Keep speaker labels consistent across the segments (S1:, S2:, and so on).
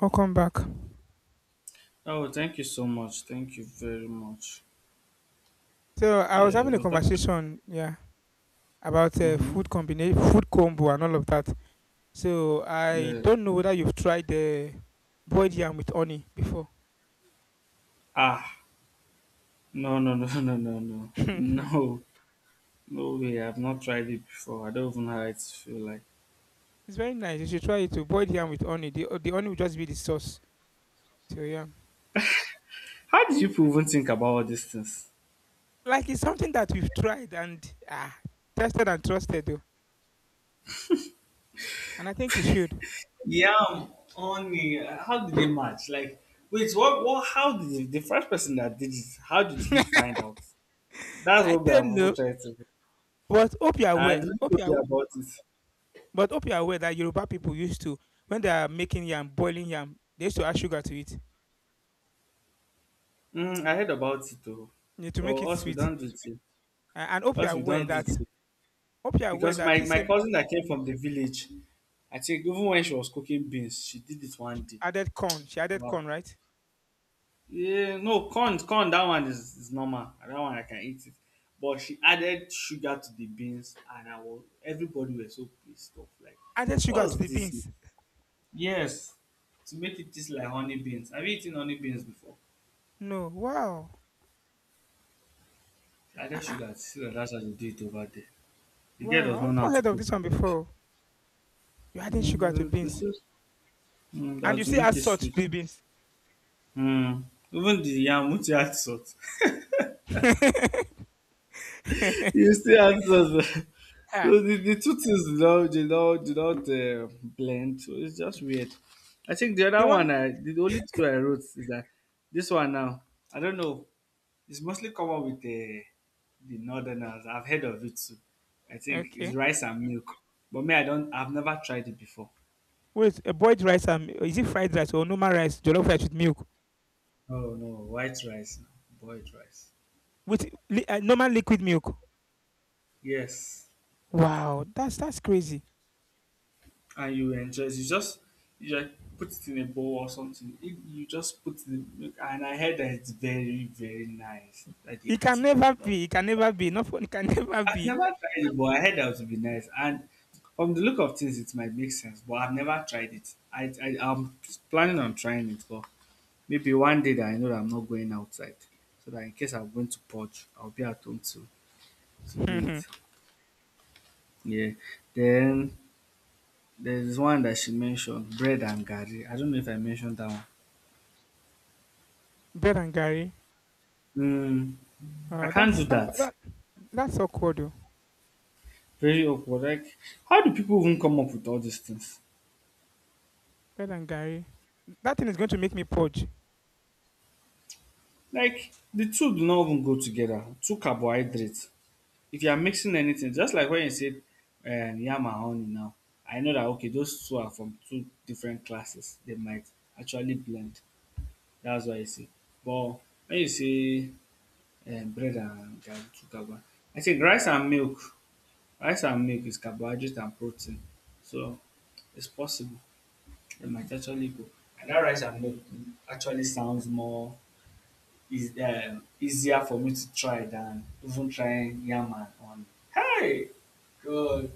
S1: Welcome back.
S2: Oh, thank you so much. Thank you very much.
S1: So I was
S2: Yeah,
S1: having a
S2: we're talking.
S1: conversation, yeah, about
S2: Mm-hmm.
S1: food combination, food combo, and all of that. So I
S2: Yeah.
S1: don't know whether you've tried the boiled yam with honey before.
S2: Ah, no, no, no, no, no, no,
S1: It's
S2: no, no way. I've not tried it before. I don't even know how it feel like.
S1: very nice. You should try it too. Boiled yam with honey. The honey will just be the sauce to your yam.
S2: How did you people even think about all these things?
S1: Like it's something that we've tried and tested and trusted though. And I think you should.
S2: Yeah, only how did they match? Like, wait, what? What? How did the first person that did it? How did he find out? That's
S1: I
S2: what we have
S1: don't
S2: even
S1: know,
S2: tried to. Do.
S1: but hope you're
S2: I
S1: aware.
S2: didn't
S1: Hope
S2: know
S1: you're
S2: there about it.
S1: But hope you're aware that Yoruba people used to, when they are making yam, boiling yam, they used to add sugar to it,
S2: Mm, I heard about it though,
S1: to
S2: but
S1: make it
S2: us we
S1: sweet.
S2: don't do it here.
S1: And hope you're
S2: Us we
S1: aware
S2: don't do
S1: that
S2: it. Because my,
S1: this
S2: my
S1: same
S2: cousin that came from the village, I think even when she was cooking beans, she did it one day.
S1: she added
S2: Wow.
S1: corn, right?
S2: Yeah, no, corn, corn, that one is normal. That one I can eat it. But she added sugar to the beans and I was everybody were so pissed off. Like,
S1: Added sugar to
S2: what's
S1: the
S2: this?
S1: beans.
S2: Yes. To make it taste like honey beans. Have you eaten honey beans before?
S1: No, wow.
S2: She
S1: Ah,
S2: added
S1: ah,
S2: sugar. See that's how they do it over there. The girl
S1: wow,
S2: does not
S1: I've
S2: know how
S1: not
S2: to
S1: heard of
S2: cook,
S1: this
S2: I
S1: one
S2: think.
S1: before. You're adding sugar to
S2: Mm, this
S1: beans,
S2: is
S1: and
S2: that
S1: you
S2: to
S1: still
S2: make
S1: add
S2: it
S1: salt to
S2: sweet.
S1: the beans.
S2: Mm. Even the yam which you add salt, you still add salt.
S1: Ah,
S2: So the two things did not blend. So it's just weird. I think the
S1: the
S2: other
S1: one,
S2: one, I, the only two I wrote is that this one now. I don't know. It's mostly common with the northerners. I've heard of it too. I think it's
S1: okay.
S2: rice and milk. But me, I don't. I've never tried it before.
S1: Wait, a boiled rice, and is it fried rice or normal rice? Jollof rice with milk,
S2: Oh no, white rice, boiled rice.
S1: with normal liquid milk.
S2: Yes,
S1: Wow, that's crazy.
S2: and you enjoy it. You just you like put it in a bowl or something. If you just put it in, milk, and I heard that it's very nice. That they
S1: It
S2: eat
S1: can
S2: it
S1: never
S2: a lot.
S1: be. It can never be. Not it can never
S2: I've
S1: be.
S2: never tried it, but I heard that it would be nice. And from the look of things, it might make sense. But I've never tried it. I'm planning on trying it, but maybe one day that I know that I'm not going outside, so that in case I'm going to purge, I'll be at home to do
S1: Mhm.
S2: it. Yeah. Then there's one that she mentioned, bread and garri. I don't know if I mentioned that one.
S1: Bread and Gary.
S2: Mm, I
S1: Oh,
S2: can't do
S1: that's
S2: that.
S1: that's awkward. Though.
S2: Very awkward. Like, how do people even come up with all these things?
S1: Bread and Gary. That thing is going to make me purge.
S2: Like, the two do not even go together. Two carbohydrates. If you are mixing anything, just like when you said yam and honey now, I know that okay, those two are from two different classes. They might actually blend. That's why I say. But when you say bread and garri, two carbohydrates, I think rice and milk. Rice and milk is carbohydrate and protein. So it's possible. They might actually go. And that rice and milk actually sounds more is, easier for me to try than even trying yam and on. Hey, good.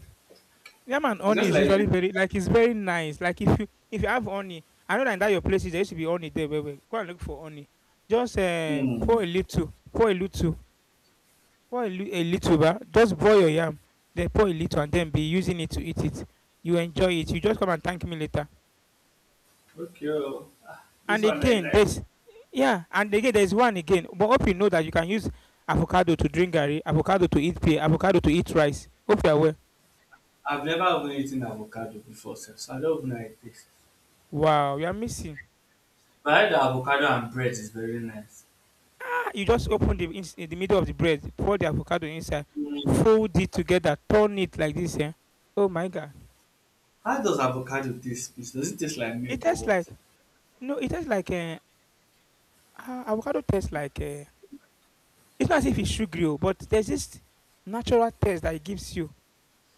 S1: Yam and
S2: It's
S1: honey
S2: just
S1: is
S2: like,
S1: usually very, like, it's very nice. Like, if you if you have honey, I know that in that your places there used to be honey there. Wait, wait, go and look for honey. Just
S2: hmm,
S1: pour a little, pour a little, pour a, a little, bah. Just boil your yam, then pour a little, and then be using it to eat it. You enjoy it. You just come and thank me later.
S2: okay, oh, ah, this
S1: And
S2: one I
S1: again,
S2: like.
S1: there's one again. But hope you know that you can use avocado to drink garri, avocado to eat pear, avocado to eat rice. Hope you're aware.
S2: I've never even eaten avocado before, sef, so I don't even know how it tastes.
S1: Wow, you are missing.
S2: But I heard that avocado and bread is very nice.
S1: Ah, you just open the in the middle of the bread, pour the avocado inside,
S2: Mm.
S1: fold it together, turn it like this. Eh? Oh my god,
S2: How does avocado taste? Please? Does it taste like
S1: it
S2: milk or
S1: tastes
S2: what?
S1: like no. It tastes like avocado tastes like, it's not as if it's sugary, oh, but there's this natural taste that it gives you.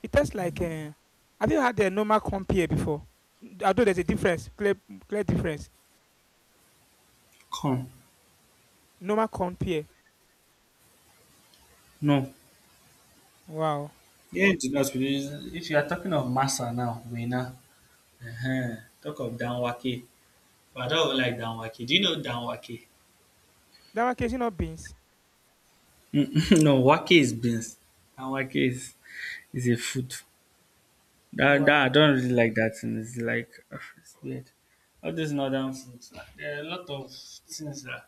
S1: It tastes like, eh, have you had a normal compare before? N, although there's a difference, clear difference.
S2: Corn.
S1: Normal compare.
S2: No.
S1: Wow.
S2: Yeah, it does, because if you are talking of masa now, we uh huh. Talk of danwake. But I don't even like danwake. Do you know danwake?
S1: That one, casing of beans,
S2: Mm, no, wake is beans. And wake is a food. That I
S1: wow.
S2: don't really like that thing. It's like ugh, it's weird. All these northern foods. Ah, there are a lot of things that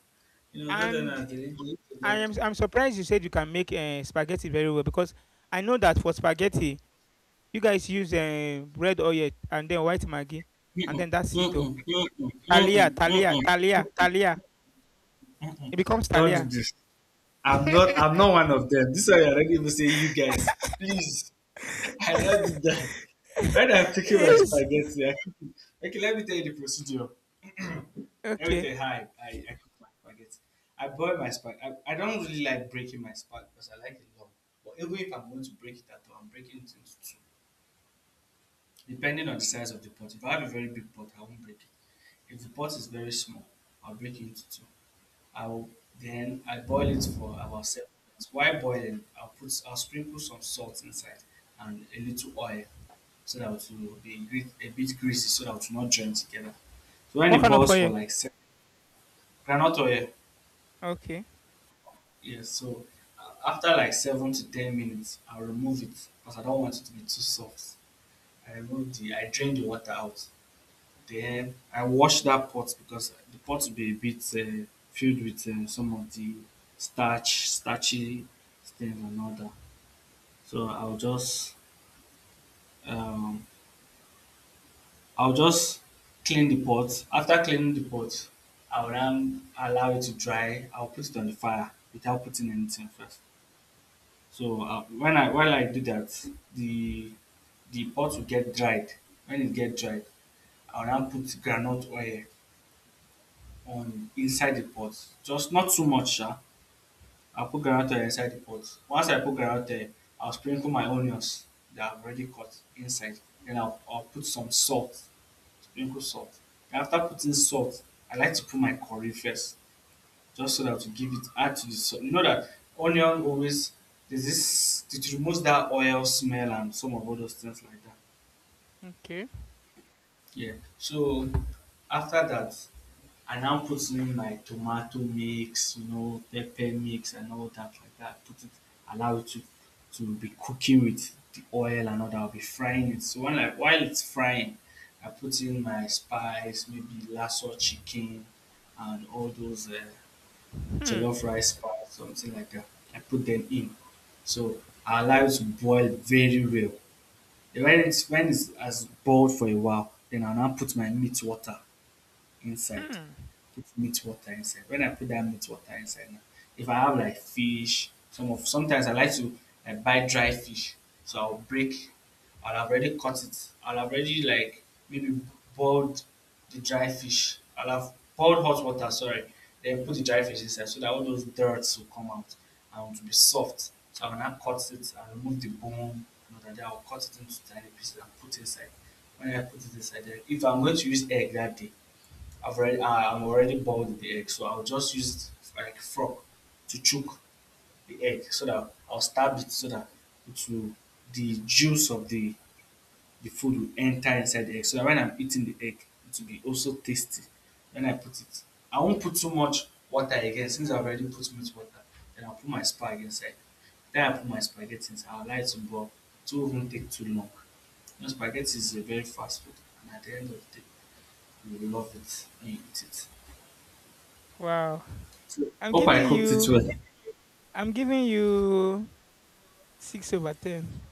S2: you know
S1: And
S2: northerners they eat a
S1: I
S2: lot of.
S1: am I'm surprised you said you can make, eh, spaghetti very well, because I know that for spaghetti, you guys use, eh, red oil and then white maggi, and
S2: Mm-mm,
S1: then that's it oh.
S2: mm-mm, mm-mm, mm-mm,
S1: Talia, Talia,
S2: mm-mm,
S1: Talia, Talia.
S2: mm-mm.
S1: It becomes
S2: Don't do
S1: Talia.
S2: this. I'm not I'm not one of them. This is why I are not even say you guys. Please. I don't do that. When I'm picking my
S1: Yes.
S2: spaghetti, I cook it. Okay, let me tell you the procedure. Let me
S1: Okay.
S2: tell you how I cook my spaghetti. I boil my spaghetti. I don't really like breaking my spaghetti because I like it long. But even if I'm going to break it at all, I'm breaking it into two depending on the size of the pot. If I have a very big pot, I won't break it. If the pot is very small, I'll break it into two. I'll Then I boil it for about 7 minutes. While boiling, I'll sprinkle some salt inside and a little oil so that it will be a bit greasy so that it will not join together. So when
S1: What
S2: it
S1: kind of
S2: boils for
S1: oil?
S2: like seven, granite oil,
S1: Okay.
S2: yes. So after like 7 to 10 minutes, I'll remove it because I don't want it to be too soft. I drain the water out. Then I wash that pot because the pot will be a bit filled with some of the starch, starchy things and all that. So um, I'll just clean the pot. After cleaning the pot, I'll then allow it to dry. I'll put it on the fire without putting anything first. So when I while I do that, the the pot will get dried. When it get dried, I'll now put groundnut oil on inside the pot. Just not too much, sha. I'll put groundnut oil inside the pot. Once I put groundnut oil, I'll sprinkle my onions that I've already cut inside. Then I'll put some salt, sprinkle salt. And after putting salt, I like to put my curry first, just so that to give it add to the salt. You know that onion always there's this it removes that oil smell and some of all those things like that.
S1: Okay.
S2: Yeah. So after that, I now put in my tomato mix, you know, pepper mix and all that like that. Put it, allow it to be cooking with the oil and all that. I'll be frying it. So while it's frying, I put in my spice, maybe lasso chicken and all those
S1: Hmm.
S2: jollof rice spice, something like that. I put them in. So I allow it to boil very well. Then when it's has boiled for a while, then I'll now put my meat water inside,
S1: Hmm.
S2: put meat water inside. When I put that meat water inside now, if I have like fish, sometimes I like to like buy dry fish. So I'll have already cut it. I'll have already like maybe boiled the dry fish. I'll have boiled hot water, sorry, then put the dry fish inside so that all those dirts will come out and it will be soft. So I will now cut it and remove the bone. Another day I'll cut it into tiny pieces and put it inside. When I put it inside, then if I'm going to use egg that day, I've already I- am already boiled the egg, so I'll just use it like a fork to chook the egg so that I'll stab it so that it will the juice of the food will enter inside the egg. So that when I'm eating the egg, it will be also tasty. When I put it, I won't put too much water again since I've already put much water. Then I'll put my spag inside. Then I put my spaghetti inside. I'll allow it to boil. It won't even take too long. You know, spaghetti is a very fast food, and at the end of the day, you will love it when you eat it.
S1: Wow. I'm
S2: Hope I
S1: giving
S2: cooked it well.
S1: you. I'm giving you 6/10.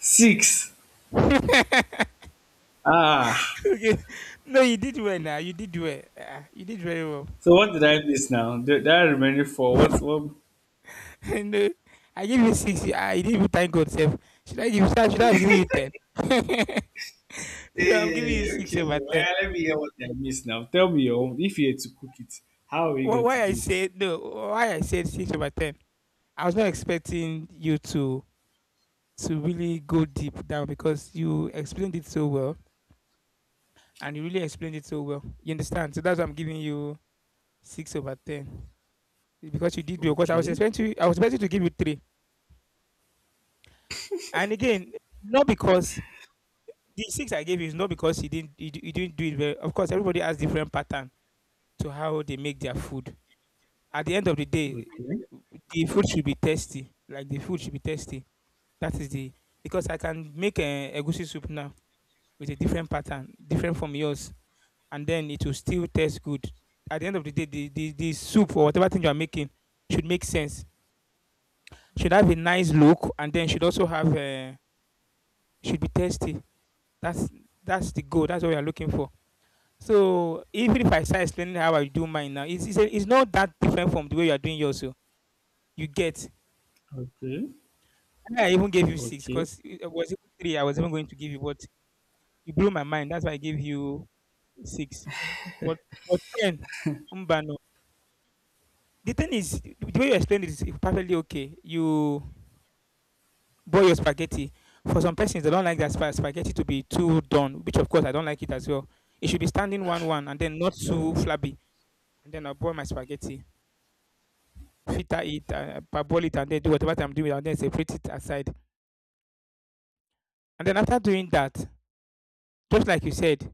S2: Six.
S1: Okay.
S2: Ah.
S1: No, you did well. Now you did well. You did very well.
S2: So what did I miss now? The- That remaining four. What? What?
S1: No, I give you six. You didn't even thank God. Self. Should I give? Should I have given you 10? So I'm giving you
S2: Hey,
S1: six
S2: okay.
S1: over
S2: Well,
S1: ten.
S2: let me hear what I missed now. Tell me your own. If you had to cook it, how are you going to
S1: Why I
S2: do it?
S1: said no? Why I said 6/10? I was not expecting you to really go deep down, because you explained it so well and you really explained it so well. You understand? So that's why I'm giving you 6/10. Because you did well. Because I was
S2: Okay.
S1: expecting you, I was expecting to give you three. And again, not because the six I gave you is not because you didn't you, you didn't do it well. Of course, everybody has different pattern to how they make their food. At the end of the day,
S2: Okay.
S1: the food should be tasty. Like, the food should be tasty. That is the, because I can make a egusi soup now with a different pattern, different from yours, and then it will still taste good. At the end of the day, the soup or whatever thing you are making should make sense. Should have a nice look, and then should also have, should be tasty. That's the goal. That's what we are looking for. So even if I start explaining how I do mine now, it's not that different from the way you are doing yours. So you get.
S2: Okay.
S1: And I even gave you six
S2: Okay.
S1: because it was even three I was even going to give you, but you blew my mind. That's why I gave you six. But ten, Mbano. The thing is, the way you explained it is perfectly okay. You boil your spaghetti. For some persons, they don't like their spaghetti to be too done, which of course I don't like it as well. It should be standing one one, and then not too flabby. And then I boil my spaghetti, filter it, parboil it, and then do whatever I'm doing, and then separate it aside. And then after doing that, just like you said,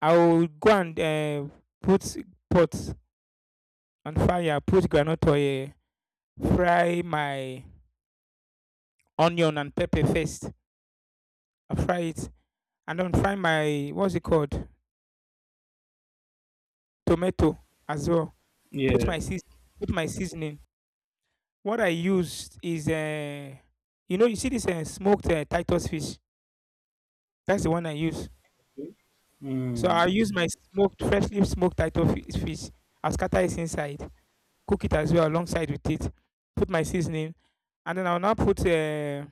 S1: I will go and put pots on fire, put groundnut oil, fry my onion and pepper first. I fry it, and then find my, what's it called, tomato as well. Put
S2: Yeah.
S1: my season, put my seasoning. What I used is, you know, you see this, smoked, Titus fish. That's the one I use. So I
S2: Mm.
S1: use my smoked, freshly smoked Titus fish. I'll scatter it inside, cook it as well alongside with it. Put my seasoning, and then I'll now put, uh,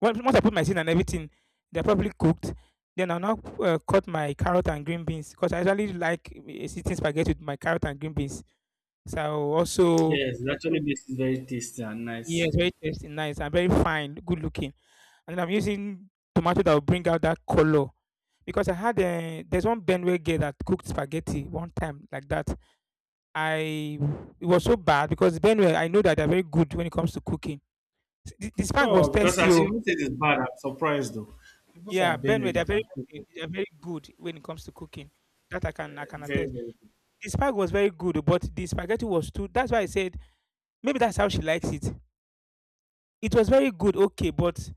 S1: once once I put my seasoning and everything, they're probably cooked. Then I'll now cut my carrot and green beans, because I usually like eating spaghetti with my carrot and green beans. So also
S2: Yes, it actually makes it very tasty and nice.
S1: yes, very tasty, nice, and very fine, good looking. And I'm using tomato that will bring out that color. Because I had a, there's one Benway girl that cooked spaghetti one time like that. I, it was so bad, because Benway, I know that they're very good when it comes to cooking. The spag was
S2: Oh, because
S1: tasty,
S2: as you
S1: oh.
S2: even said it's bad, I'm surprised though. People
S1: Yeah.
S2: from
S1: Benway,
S2: Benue they
S1: they're very
S2: can cook
S1: good,
S2: oh.
S1: when it comes to cooking. That I can
S2: Very
S1: attest.
S2: very good.
S1: The spag was very good, oh, but the spaghetti was too. That's why I said maybe that's how she likes it. It was very good, okay, but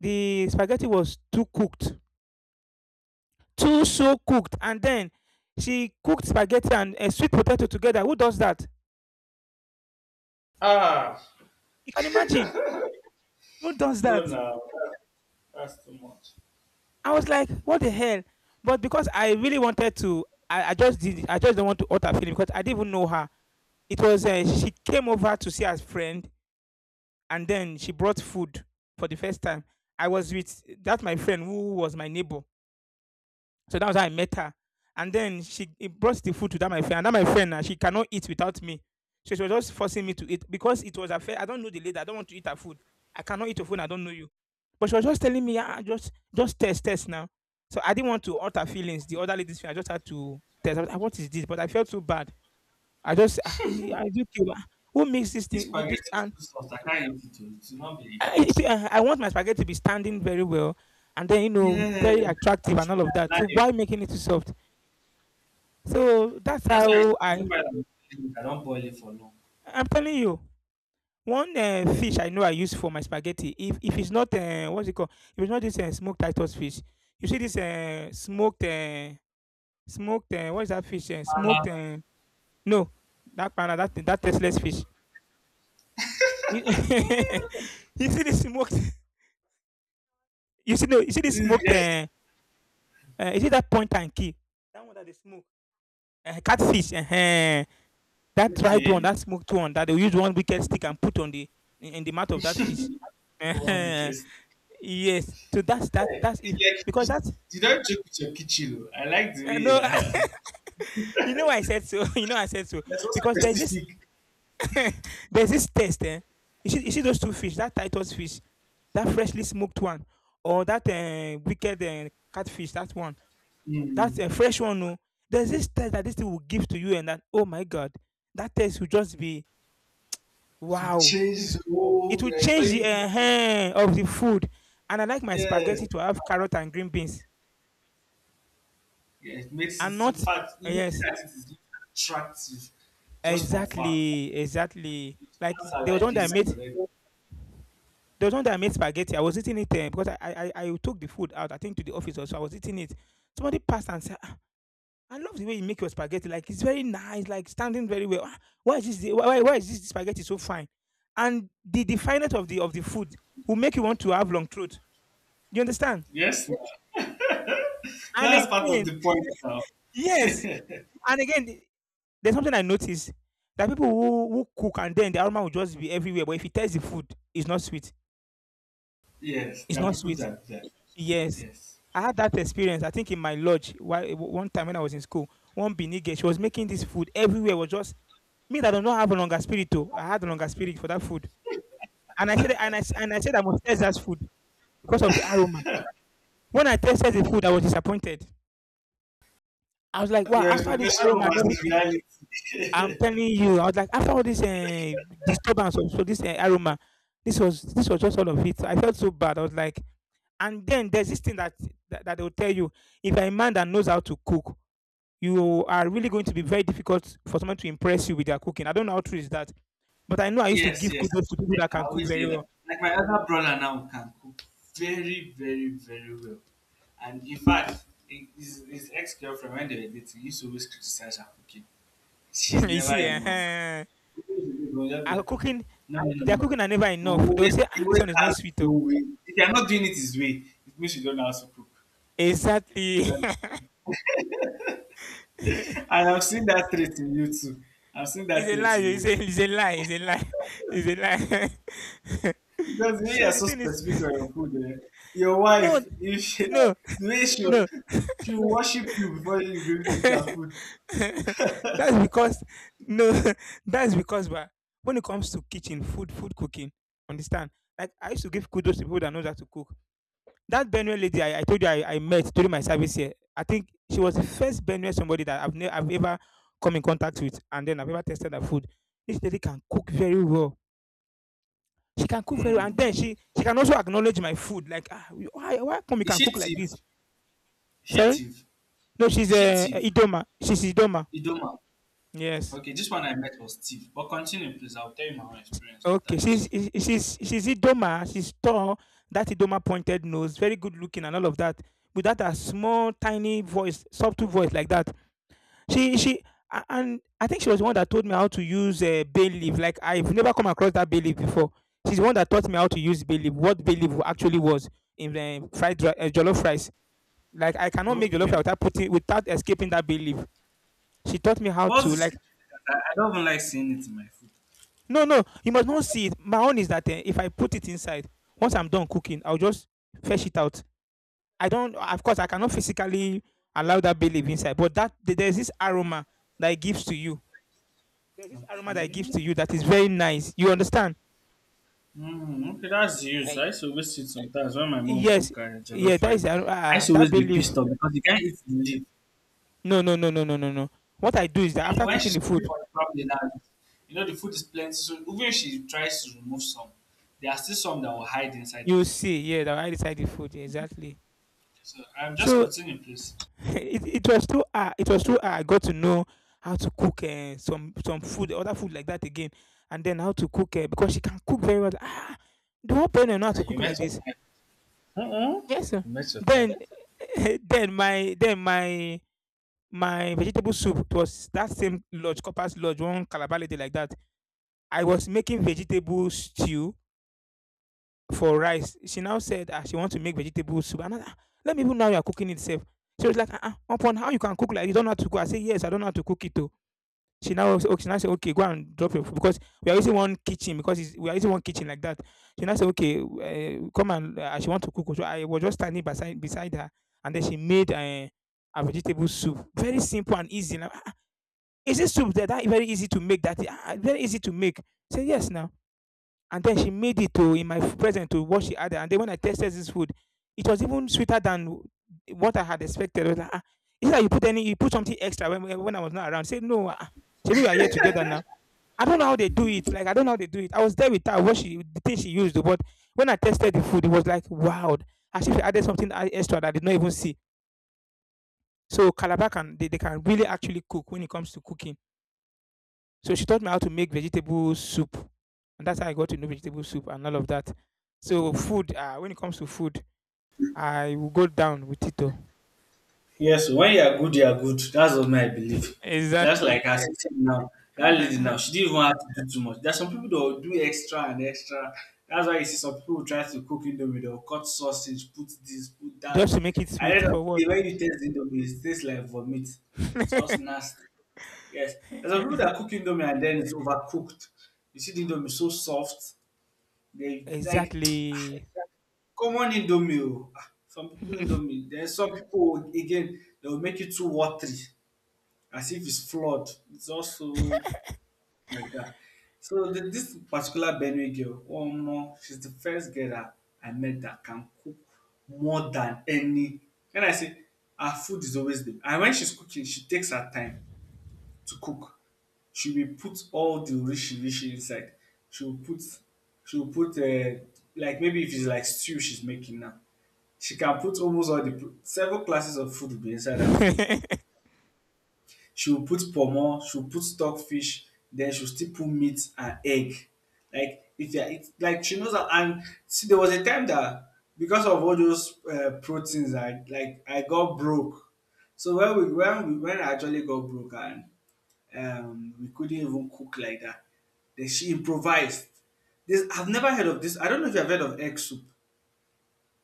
S1: the spaghetti was too cooked, too so cooked, and then she cooked spaghetti and, sweet potato together. Who does that?
S2: Ah,
S1: You can imagine. Who does
S2: no,
S1: that?
S2: no, that's too much.
S1: I was like, what the hell. But because I really wanted to, I just did. I just don't want to hurt her feeling, because I didn't even know her. It was, she came over to see her friend, and then she brought food for the first time. I was with that my friend who was my neighbor. So that was how I met her. And then she it brought the food to that my friend. And that my friend, now she cannot eat without me. So she was just forcing me to eat, because it was a fair. I don't know the lady. I don't want to eat her food. I cannot eat her food. I don't know you. But she was just telling me, ah, just test, test now. So I didn't want to hurt her feelings. The other lady's feeling. I just had to test. I was like, "Ah, what is this?" But I felt so bad. I just, ah, ah, is it okay? Ah, who makes this
S2: This
S1: thing? Would this?
S2: spaghetti is
S1: And
S2: too soft. I can't eat it oh. It not be.
S1: I want my spaghetti to be standing very well, and then you know,
S2: Yeah,
S1: very attractive and
S2: should
S1: all of
S2: be
S1: that. So
S2: alive.
S1: why making it so soft? So that's
S2: That's why it's
S1: how
S2: even
S1: I,
S2: better than boiling. I don't boil it for long.
S1: I'm telling you. One fish I know I use for my spaghetti. If it's not, what's it called? If it's not this, smoked Titus fish, you see this, smoked, what is that fish? Smoked
S2: Ah,
S1: no, that pana, that that tasteless fish. You you see this smoked? You see no? You see this smoked? Is it that point and key? That one that they smoke? Catfish. Uh-huh. That dried one,
S2: okay.
S1: that smoked one, that they use one wicked stick and put on the, in the mouth of that fish.
S2: One week is
S1: Yes. So that's that.
S2: like
S1: That's it.
S2: you
S1: Because that's,
S2: don't joke with your kitchen oh. I like the
S1: no.
S2: way
S1: You know why I said so. You know I said so
S2: that's so
S1: because there's this,
S2: specific.
S1: there's this test. Eh? You see, those two fish, that Titus fish, that freshly smoked one, or that, wicked, catfish, that one, that,
S2: Mm.
S1: fresh one. No, there's this test that this thing will give to you, and that oh my god, that test will just be
S2: To
S1: wow! So
S2: change the
S1: it
S2: whole
S1: will
S2: like
S1: change
S2: when
S1: the
S2: you eat it.
S1: ehen of the food. And I like my
S2: Yes.
S1: spaghetti to have carrot and green beans
S2: Yeah, it makes
S1: and
S2: it in
S1: not
S2: fact looking
S1: yes,
S2: at it is attractive just from far.
S1: exactly. Like
S2: It's not like this, right?
S1: there was one that I made spaghetti. I was eating it because I took the food out, I think to the office also. I was eating it. Somebody passed and said, "Ah, I love the way you make your spaghetti. Like it's very nice, like standing very well. Ah, why is why is this spaghetti so fine? And the fineness of the food will make you want to have long throat. You understand?
S2: Yes,
S1: And
S2: that's part of
S1: again,
S2: the point now.
S1: Yes, and again, there's something I noticed, that people who cook and then the aroma will just be everywhere, but if you taste the food, it's not sweet.
S2: Yes,
S1: It's
S2: there are
S1: not
S2: people
S1: sweet.
S2: that
S1: Yes.
S2: yes.
S1: I had that experience, I think in my lodge, while one time when I was in school, one Benin girl, she was making this food everywhere was just me that do not have a longer spirit oh, I had a longer spirit for that food, and I said I must taste that food because of the aroma. When I tasted the food, I was disappointed. I was like, "Wow,
S2: Your
S1: after this
S2: expectation
S1: aroma and
S2: versus
S1: everything."
S2: reality.
S1: I'm telling you, I was like, after all this disturbance, so this aroma, this was just all of it. I felt so bad. I was like, and then there's this thing that they will tell you: if you're a man that knows how to cook, you are really going to be very difficult for someone to impress you with their cooking. I don't know how true is that, but I know I used to
S2: Yes,
S1: give
S2: yes.
S1: kudos to people
S2: I
S1: that
S2: I
S1: can cook
S2: always
S1: very
S2: hear that.
S1: well.
S2: Like my other brother now can cook very, very, very well. And in fact, his ex girlfriend, when they were dating, used to always criticize her cooking. She's
S1: You
S2: never
S1: see,
S2: enough. You'll just be
S1: our
S2: like, "Mm,
S1: cooking.
S2: no, no, no, no,
S1: Their
S2: no."
S1: cooking are never
S2: He
S1: enough. They will
S2: always,
S1: say,
S2: he
S1: ah, this
S2: always
S1: one is not
S2: has
S1: sweet.
S2: his
S1: Oh.
S2: own way. If you're not doing it his way, it means you don't know how to cook.
S1: Exactly.
S2: Yeah. And I've seen that trait in you too. I've seen
S1: It's
S2: that
S1: a
S2: trait
S1: lie.
S2: in
S1: It's
S2: you.
S1: a, it's a lie. It's a lie. It's a lie.
S2: Because we
S1: So
S2: are
S1: the
S2: so
S1: thing is,
S2: specific on your food. Eh? Your
S1: no,
S2: wife, if she, no,
S1: no,
S2: the way
S1: no.
S2: she will no worship your food.
S1: That's because no. That's because but when it comes to kitchen, food, food cooking, understand? Like I used to give kudos to people that knows how to cook. That Benue lady I told you I met during my service here. I think she was the first Benue somebody that I've ever come in contact with, and then I've ever tested her food. This lady can cook very well. She can cook very well, and then she can also acknowledge my food like, "Ah, why come you
S2: Is
S1: can
S2: she
S1: cook like this?"
S2: thief? Is she
S1: Sorry?
S2: thief?
S1: No, she's,
S2: Is she thief?
S1: Idoma. She's Idoma.
S2: Idoma.
S1: Yes.
S2: Okay, this one I met was thief. But continue, please. I'll tell you my own experience after
S1: Okay,
S2: yours.
S1: she's Idoma, she's tall, that Idoma pointed nose, very good looking and all of that, with that a small, tiny voice, subtle voice like that. She and I think she was the one that told me how to use, bay leaf. Like, I've never come across that bay leaf before. She's the one that taught me how to use bay leaf, what bay leaf actually was in, the jollof rice. Like I cannot make jollof
S2: Okay.
S1: rice without putting without escaping that bay leaf. She taught me how
S2: What's
S1: to like
S2: this? I don't even like seeing it in my food.
S1: no no you must not see it. My own is that if I put it inside, once I'm done cooking, I'll just fetch it out. I don't of course I cannot physically allow that bay leaf inside, but there's this aroma that it gives to you. There's this aroma that it gives to
S2: Okay.
S1: you that is very nice. You understand?
S2: Mm, okay, that's the use. I
S1: Eh,
S2: used to always see it sometimes when my mom
S1: yes,
S2: cook
S1: yeah,
S2: jollof
S1: that
S2: rice.
S1: is
S2: I used
S1: ah
S2: to
S1: that
S2: always
S1: bay
S2: be
S1: leaf.
S2: pissed off because you can't eat the leaf.
S1: No no no no no no no. What I do is
S2: I
S1: that
S2: know
S1: after
S2: when
S1: cooking
S2: she's
S1: the
S2: cooking
S1: food,
S2: for the family now, you know the food is plenty, so even if she tries to remove some, there are still some that will hide inside
S1: you
S2: the
S1: will
S2: food.
S1: see yeah that I decide the food yeah, exactly.
S2: So I'm just
S1: So
S2: continuing, please.
S1: it was too her. It was too her. I got to know how to cook some food, other food like that again, and then how to cook because she can cook very well. Ah, the whole parent know how to
S2: And you
S1: cook
S2: met
S1: like this.
S2: your time. Mm-mm.
S1: Yes, sir.
S2: You met your time.
S1: Then, then my my vegetable soup, it was that same lodge, Copper's lodge, one Calabar lady like that. I was making vegetable stew for rice. She now said ah, she wants to make vegetable soup. And I, ah, let me even know you are cooking itself. She was like, ah, uh-uh, upon how you can cook like you don't know how to cook. I say yes, I don't know how to cook it too. She now said, "Okay, say, okay, go and drop your food," because we are using one kitchen because it's we are using one kitchen like that. She now said, "Okay, come and she want to cook." So I was just standing beside her, and then she made a vegetable soup, very simple and easy. Now, "Ah, ah, is this soup that very easy to make? That ah, ah, very easy to make? Say yes now. And then she made it to in my present to what she added. And then when I tasted this food, it was even sweeter than what I had expected. I was like, ah, is that you put something extra when I was not around? Say no. Ah, ah, so we are here together now. I don't know how they do it. Like I don't know how they do it. I was there with her, what she the thing she used, but when I tested the food, it was like wow. As if she added something extra that I did not even see. So Calabar can they can really actually cook when it comes to cooking. So she taught me how to make vegetable soup, and that's how I got to know vegetable soup and all of that. So food, when it comes to food, I will go down with it. Oh.
S2: Yes, when you are good, you are good. That's what my belief. That's
S1: Exactly.
S2: like as said now, that lady now, she didn't even have to do too much. There's some people that will do extra and extra. That's why you see some people try to cook indomie, they'll cut sausage, put this, put that.
S1: Just to make it
S2: I
S1: sweet
S2: don't know.
S1: for what?
S2: The way you taste indomie, it tastes like vomit. It's just nasty. Yes. There's some people that cook indomie and then it's overcooked. You see the indomie so soft. They like
S1: Exactly.
S2: common indomie o. Ah, some people indomie. Then some people again they will make it too watery, as if it's flood. It's also like that. So this particular Benue girl, oh no, she's the first girl that I met that can cook more than any. When I say her food is always the and when she's cooking, she takes her time to cook, she will put all the rishi rishi inside. She will put she will put uh like maybe if it's like stew she's making now, she can put almost all the pro several classes of food will be inside her food. She will put pomo, she will put stockfish, then she will still put meat and egg. Like if you are eat like she knows how and see there was a time that because of all those proteins I like I got broke. So when I actually got broke and we couldn't even cook like that. Then she improvised. This I've never heard of this. I don't know if you have heard of egg soup.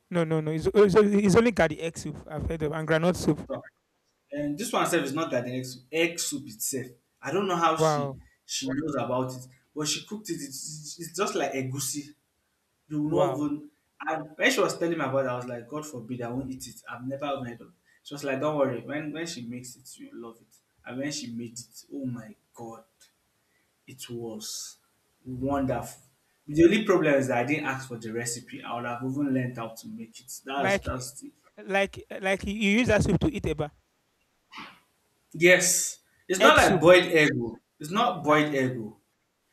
S1: No, no, no. Only- it's only Gadi egg soup I've heard of and granite soup.
S2: And this one itself is not that the egg soup itself. I don't know how she
S1: Wow,
S2: she knows about it, but she cooked it. It's just like egusi. You will not
S1: wow.
S2: even. And when she was telling me about it, I was like, God forbid, I won't eat it. I've never even heard of it. She was like, don't worry. When she makes it, you will love it. And when she made it, oh my God. It was wonderful. The only problem is that I didn't ask for the recipe. I would have even learned how to make it. That's
S1: Like,
S2: the
S1: like you you use that soup to eat eba.
S2: yes. It's not
S1: Egg
S2: like
S1: soup.
S2: boiled egg, oh. It's not boiled
S1: Uh,
S2: egg, oh.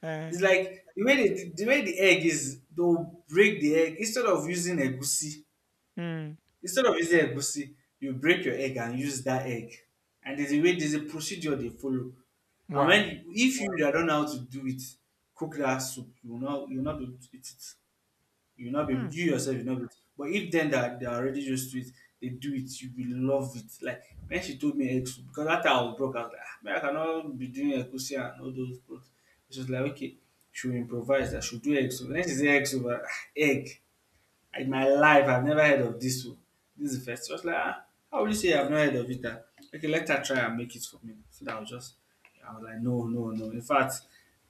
S1: uh,
S2: It's like the way they, the way the egg is. They'll break the egg instead of using egusi.
S1: mm,
S2: Instead of using egusi, you break your egg and use that egg. And there's a way. There's a procedure they follow. And when
S1: wow.
S2: if you don't know how to do it, cook that soup. You will not be able to eat it. You will not be
S1: Hmm.
S2: you yourself you will not be but if then that they are already used to it they do it you will love it like when she told me eggs because that time I was broke I was like ah man I cannot be doing egusi and all those clothes she was like okay she will improvise that she will do eggs over when she say eggs over ah egg in my life, I've never heard of this one. This is the first. I was like, ah, how will you say I've not heard of it? Ah? Okay, let her try and make it for me. So that I was just, I was like, no, no, no. In fact,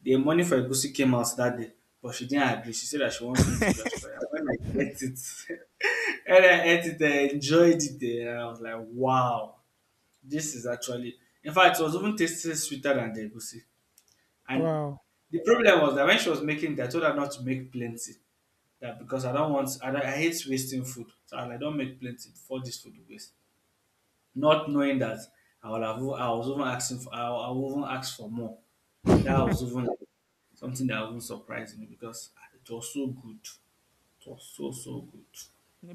S2: the money for Egusi came out that day, but she didn't agree. She said that she wants me to just try it. When I ate it, when I ate it, I enjoyed it. Eh, and I was like, wow, this is actually. In fact, it was even tasting sweeter than the Egusi. And
S1: Wow.
S2: the problem was that when she was making it, I told her not to make plenty that because I don't want I, don't, I hate wasting food. So I like don't make plenty for this food to waste. Not knowing that I will have I was even asking for I will even ask for more. That was even like something that even surprised me because ah, it was so good. It was so so good.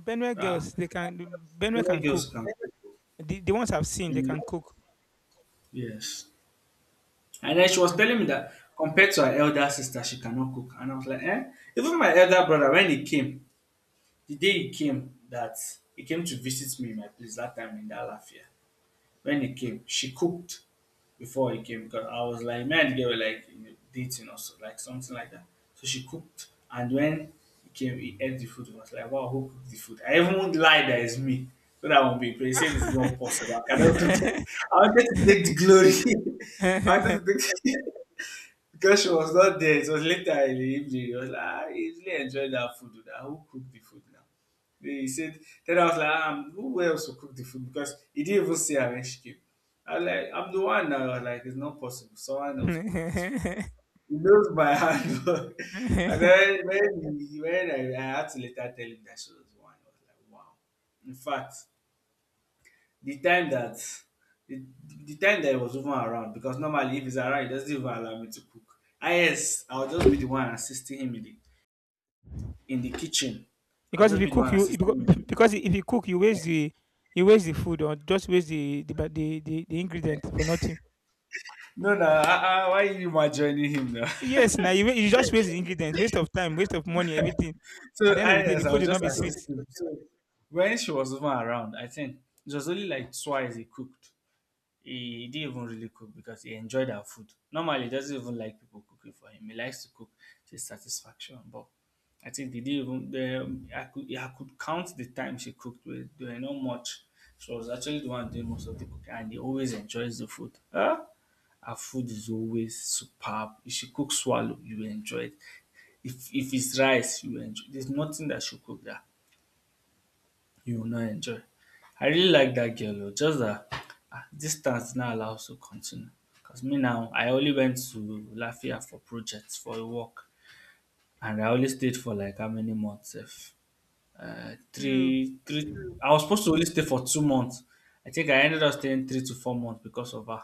S1: Benue
S2: Ah,
S1: girls, they can Benue
S2: many
S1: can cook.
S2: girls come, cook.
S1: The ones I've seen, they
S2: Many-
S1: can cook.
S2: Yes. And then she
S1: They
S2: was
S1: can
S2: telling
S1: cook.
S2: me that compared to her elder sister, she cannot cook. And I was like, eh? Even my elder brother, when he came, the day he came, that he came to visit me in my place that time in that Lafia. When he came, she cooked before he came because I was like, me and the girl were like you know, dating or so, like something like that. So she cooked, and when he came, he ate the food. He was like, wow, who cooked the food? I even won't lie that it's me. So that I won't be he said it's not possible. I cannot cook. I wanted to take the glory. I wanted to take the because she was not there. It was later in the evening. He was like, ah, he really enjoyed that food. That who cooked the food now? He said, then I was like, who else will cook the food? Because he didn't even say arrange chicken. I was like, I'm the one now. I was like, it's not possible. Someone else cooked this food. He knows by hand. And then when, when I had to later tell him that she was the one, I was like, wow. In fact, the time that the, the time that he was even around, because normally if he's around, he doesn't even allow me to cook. Ah yes, I'll just be the one assisting him in the kitchen. I'll
S1: Because if
S2: just
S1: you
S2: be the
S1: cook,
S2: one
S1: you
S2: assisting him.
S1: becau because if you cook, you waste the food or just waste the ba the ingredient for nothing.
S2: No, no, why are you not joining him now?
S1: Yes now you wa you just waste the ingredient, waste of time, waste of money, everything. At
S2: So
S1: the end of the
S2: I,
S1: day, the
S2: yes, I
S1: food
S2: was
S1: will
S2: just
S1: not be sweet.
S2: assisting. So when she was even around, I think it was only like twice he cooked. He didn't even really cook because he enjoyed our food. Normally, he doesn't even like people cooking for him. He likes to cook to satisfaction. But I think they didn't even. The, I could count the time she cooked. With there were not much. She was actually the one doing most of the cooking, and he always enjoys the food. Huh? Her food is always superb. If she cooks swallow, you will enjoy it. If it's rice, you will enjoy. There's nothing that she cook that you will not enjoy. I really like that girl o just dat distance now allows to continue cause me now I only went to Lafia for projects for a work and I only stayed for like how many months If
S1: You
S2: three I was supposed to only stay for 2 months I think I ended up staying 3 to 4 months because of her.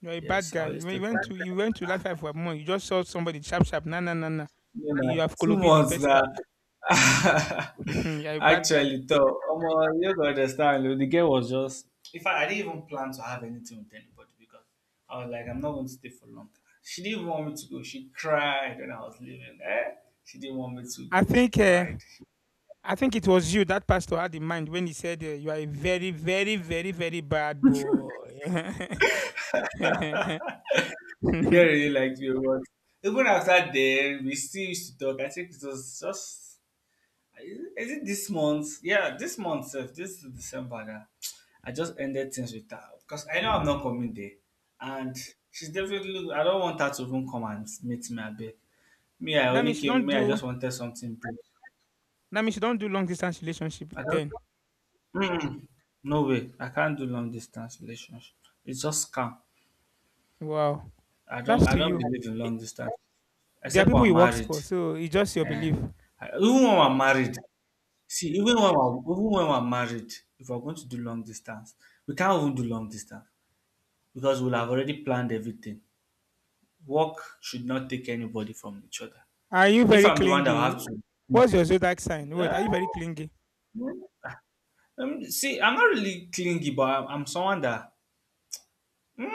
S1: you are a bad
S2: Yes I
S1: guy.
S2: only
S1: You
S2: stayed for
S1: went to you went to life for a month. You just saw somebody sharp, nah nah nah nah.
S2: you know,
S1: You have
S2: two
S1: kolobi the
S2: months now.
S1: person. Mhm, you are a bad guy.
S2: Actually, though, you don't understand, the girl was just. In fact, I didn't even plan to have anything with anybody because I was like, I'm not going to stay for long. She didn't want me to go. She cried when I was leaving. Eh? She didn't want me to
S1: I
S2: go. She
S1: think, eh,
S2: cried.
S1: I think it was you that pastor had in mind when he said, eh, "You are a very bad boy." that
S2: The girl really liked me. But even after then, we still used to talk. I think it was just Is it this month? Yeah, this month sef, this December na. I just ended things with her because I know I'm not coming there. And she's definitely— I don't want her to even come and meet me abeg. Me, I only
S1: means you
S2: came,
S1: don't
S2: me, I
S1: do
S2: just wanted something brief.
S1: that means you don't do long distance relationship
S2: I don't—
S1: then.
S2: mm, no way. I can't do long distance relationship. It's just scam.
S1: Wow.
S2: I don't
S1: That's
S2: I
S1: to
S2: don't
S1: you.
S2: believe in
S1: I-
S2: long distance.
S1: there are
S2: Except when
S1: people
S2: I'm
S1: you work
S2: married.
S1: for, so it's just your
S2: Eh.
S1: belief.
S2: I, even when I'm married. See, even when we're married, if we're going to do long distance, we can't even do long distance because we'll have already planned everything. Work should not take anybody from each other.
S1: Are you
S2: If
S1: very
S2: I'm the one that will have
S1: clingy?
S2: to—
S1: What's your zodiac sign? Wait, are
S2: Eh,
S1: you very clingy?
S2: mm, see, I'm not really clingy, but I'm someone that— mm,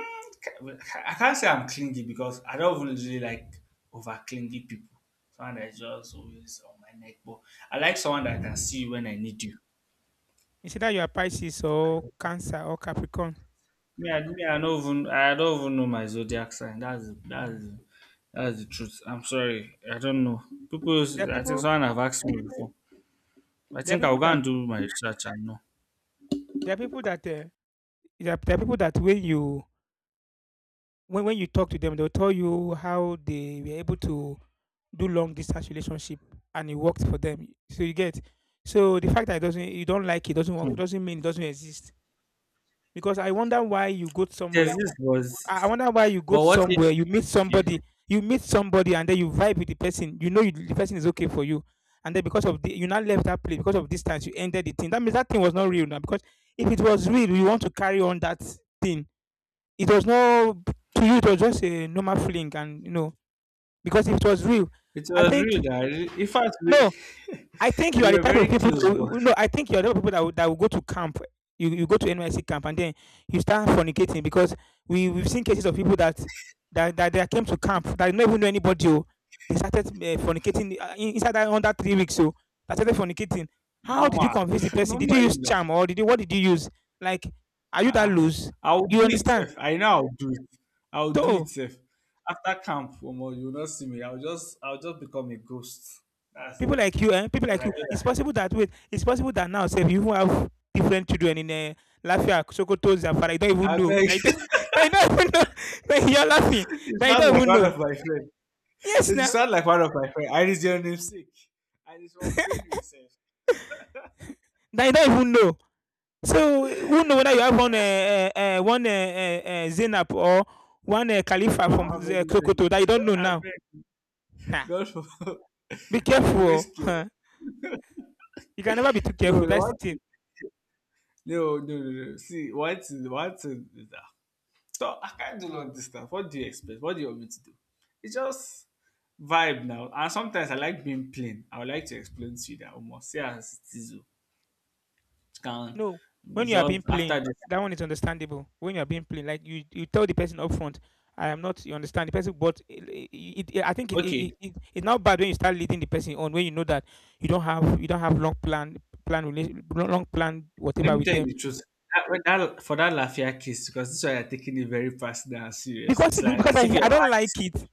S2: I can't say I'm clingy because I don't even really like over clingy people. Someone that is just always on my neck, but I like someone that I can see you when I need you.
S1: It's either you are Pisces or Cancer or Capricorn.
S2: Me, I don't even know my zodiac sign. That's that's
S1: Yeah.
S2: that's the truth. I'm sorry, I don't know.
S1: There are
S2: I think
S1: people
S2: someone have asked me before. I
S1: there are
S2: think I'll
S1: people
S2: go
S1: that
S2: and do my research and know.
S1: there are people that there are people that when you when you talk to them they'll tell you how they were able to do long distance relationship and it worked for them. So you get. So the fact that it doesn't, you don't like it, doesn't work, doesn't mean it doesn't exist. Because I wonder why you go
S2: There's
S1: somewhere.
S2: this was,
S1: I wonder why you go
S2: but what
S1: somewhere.
S2: if?
S1: You meet
S2: Okay,
S1: somebody. You meet somebody, and then you vibe with the person. You know you, the person is okay for you, and then because of the, you now left that place because of distance. You ended the thing. That means that thing was not real now. Because if it was real, you want to carry on that thing. It was no to you. It was just a normal fling, and you know because if it was real,
S2: it
S1: I
S2: was
S1: think
S2: real. That in fact we,
S1: no. I think you are
S2: we
S1: the
S2: were
S1: type of
S2: very
S1: people.
S2: close, but
S1: To, no, I think you are the type of people that that will go to camp. You go to NYC camp and then you start fornicating because we've seen cases of people they came to camp that did not even know anybody. Oh, they started fornicating inside that under 3 weeks. So they started fornicating. How did you
S2: normal,
S1: convince the person? Did you
S2: normal.
S1: use charm or did you what did you use? Like, are you that
S2: Ah,
S1: loose?
S2: I'll
S1: You
S2: do it
S1: understand?
S2: safe. I know I'll do it. I'll do it
S1: No.
S2: safe. After camp, omo, you will not see me. I'll just become a ghost. That's
S1: People
S2: it.
S1: like you eh people
S2: Because
S1: like
S2: I
S1: you
S2: know
S1: it's
S2: that.
S1: possible that wait it's possible that now sef you even have different children in Lafia, Sokoto, Zamfara you don't even
S2: I
S1: know
S2: beg,
S1: that you don't that you don't even know that you are laughing
S2: you
S1: that you
S2: sound
S1: don't
S2: like
S1: even
S2: one
S1: know
S2: of my friends.
S1: yes
S2: You
S1: na
S2: sound like one of my friends. I— it's your namesake. And it's from Benue sef.
S1: that you don't even know so who know whether you have one one Zainab or one
S2: I
S1: Khalifa
S2: don't
S1: from
S2: have anything.
S1: Sokoto that you don't know
S2: I
S1: now
S2: beg.
S1: um
S2: God for
S1: be
S2: I'm
S1: careful o
S2: always scared.
S1: you can never be too careful,
S2: No, the
S1: that's the
S2: one
S1: thing.
S2: no, no, no, no. See, what's that. So I can't do long distance. What do you expect? What do you want me to do? It's just vibe now. And sometimes I like being plain. I would like to explain to you that almost say as it is. Oh. You can—
S1: No, when
S2: you
S1: you are being
S2: just
S1: plain,
S2: after this.
S1: that one is understandable. When you are being plain, like you tell the person up front, I am not. You understand the person, but it, I think
S2: Okay,
S1: it's not bad when you start leading the person on when you know that you don't have long plan plan long plan
S2: let
S1: whatever
S2: me
S1: with
S2: tell you
S1: them
S2: the truth. That, when that— for that Lafia case, because this one you're taking it very personal and serious.
S1: because
S2: It's like as if you
S1: I
S2: have
S1: don't
S2: had
S1: like
S2: it.
S1: it.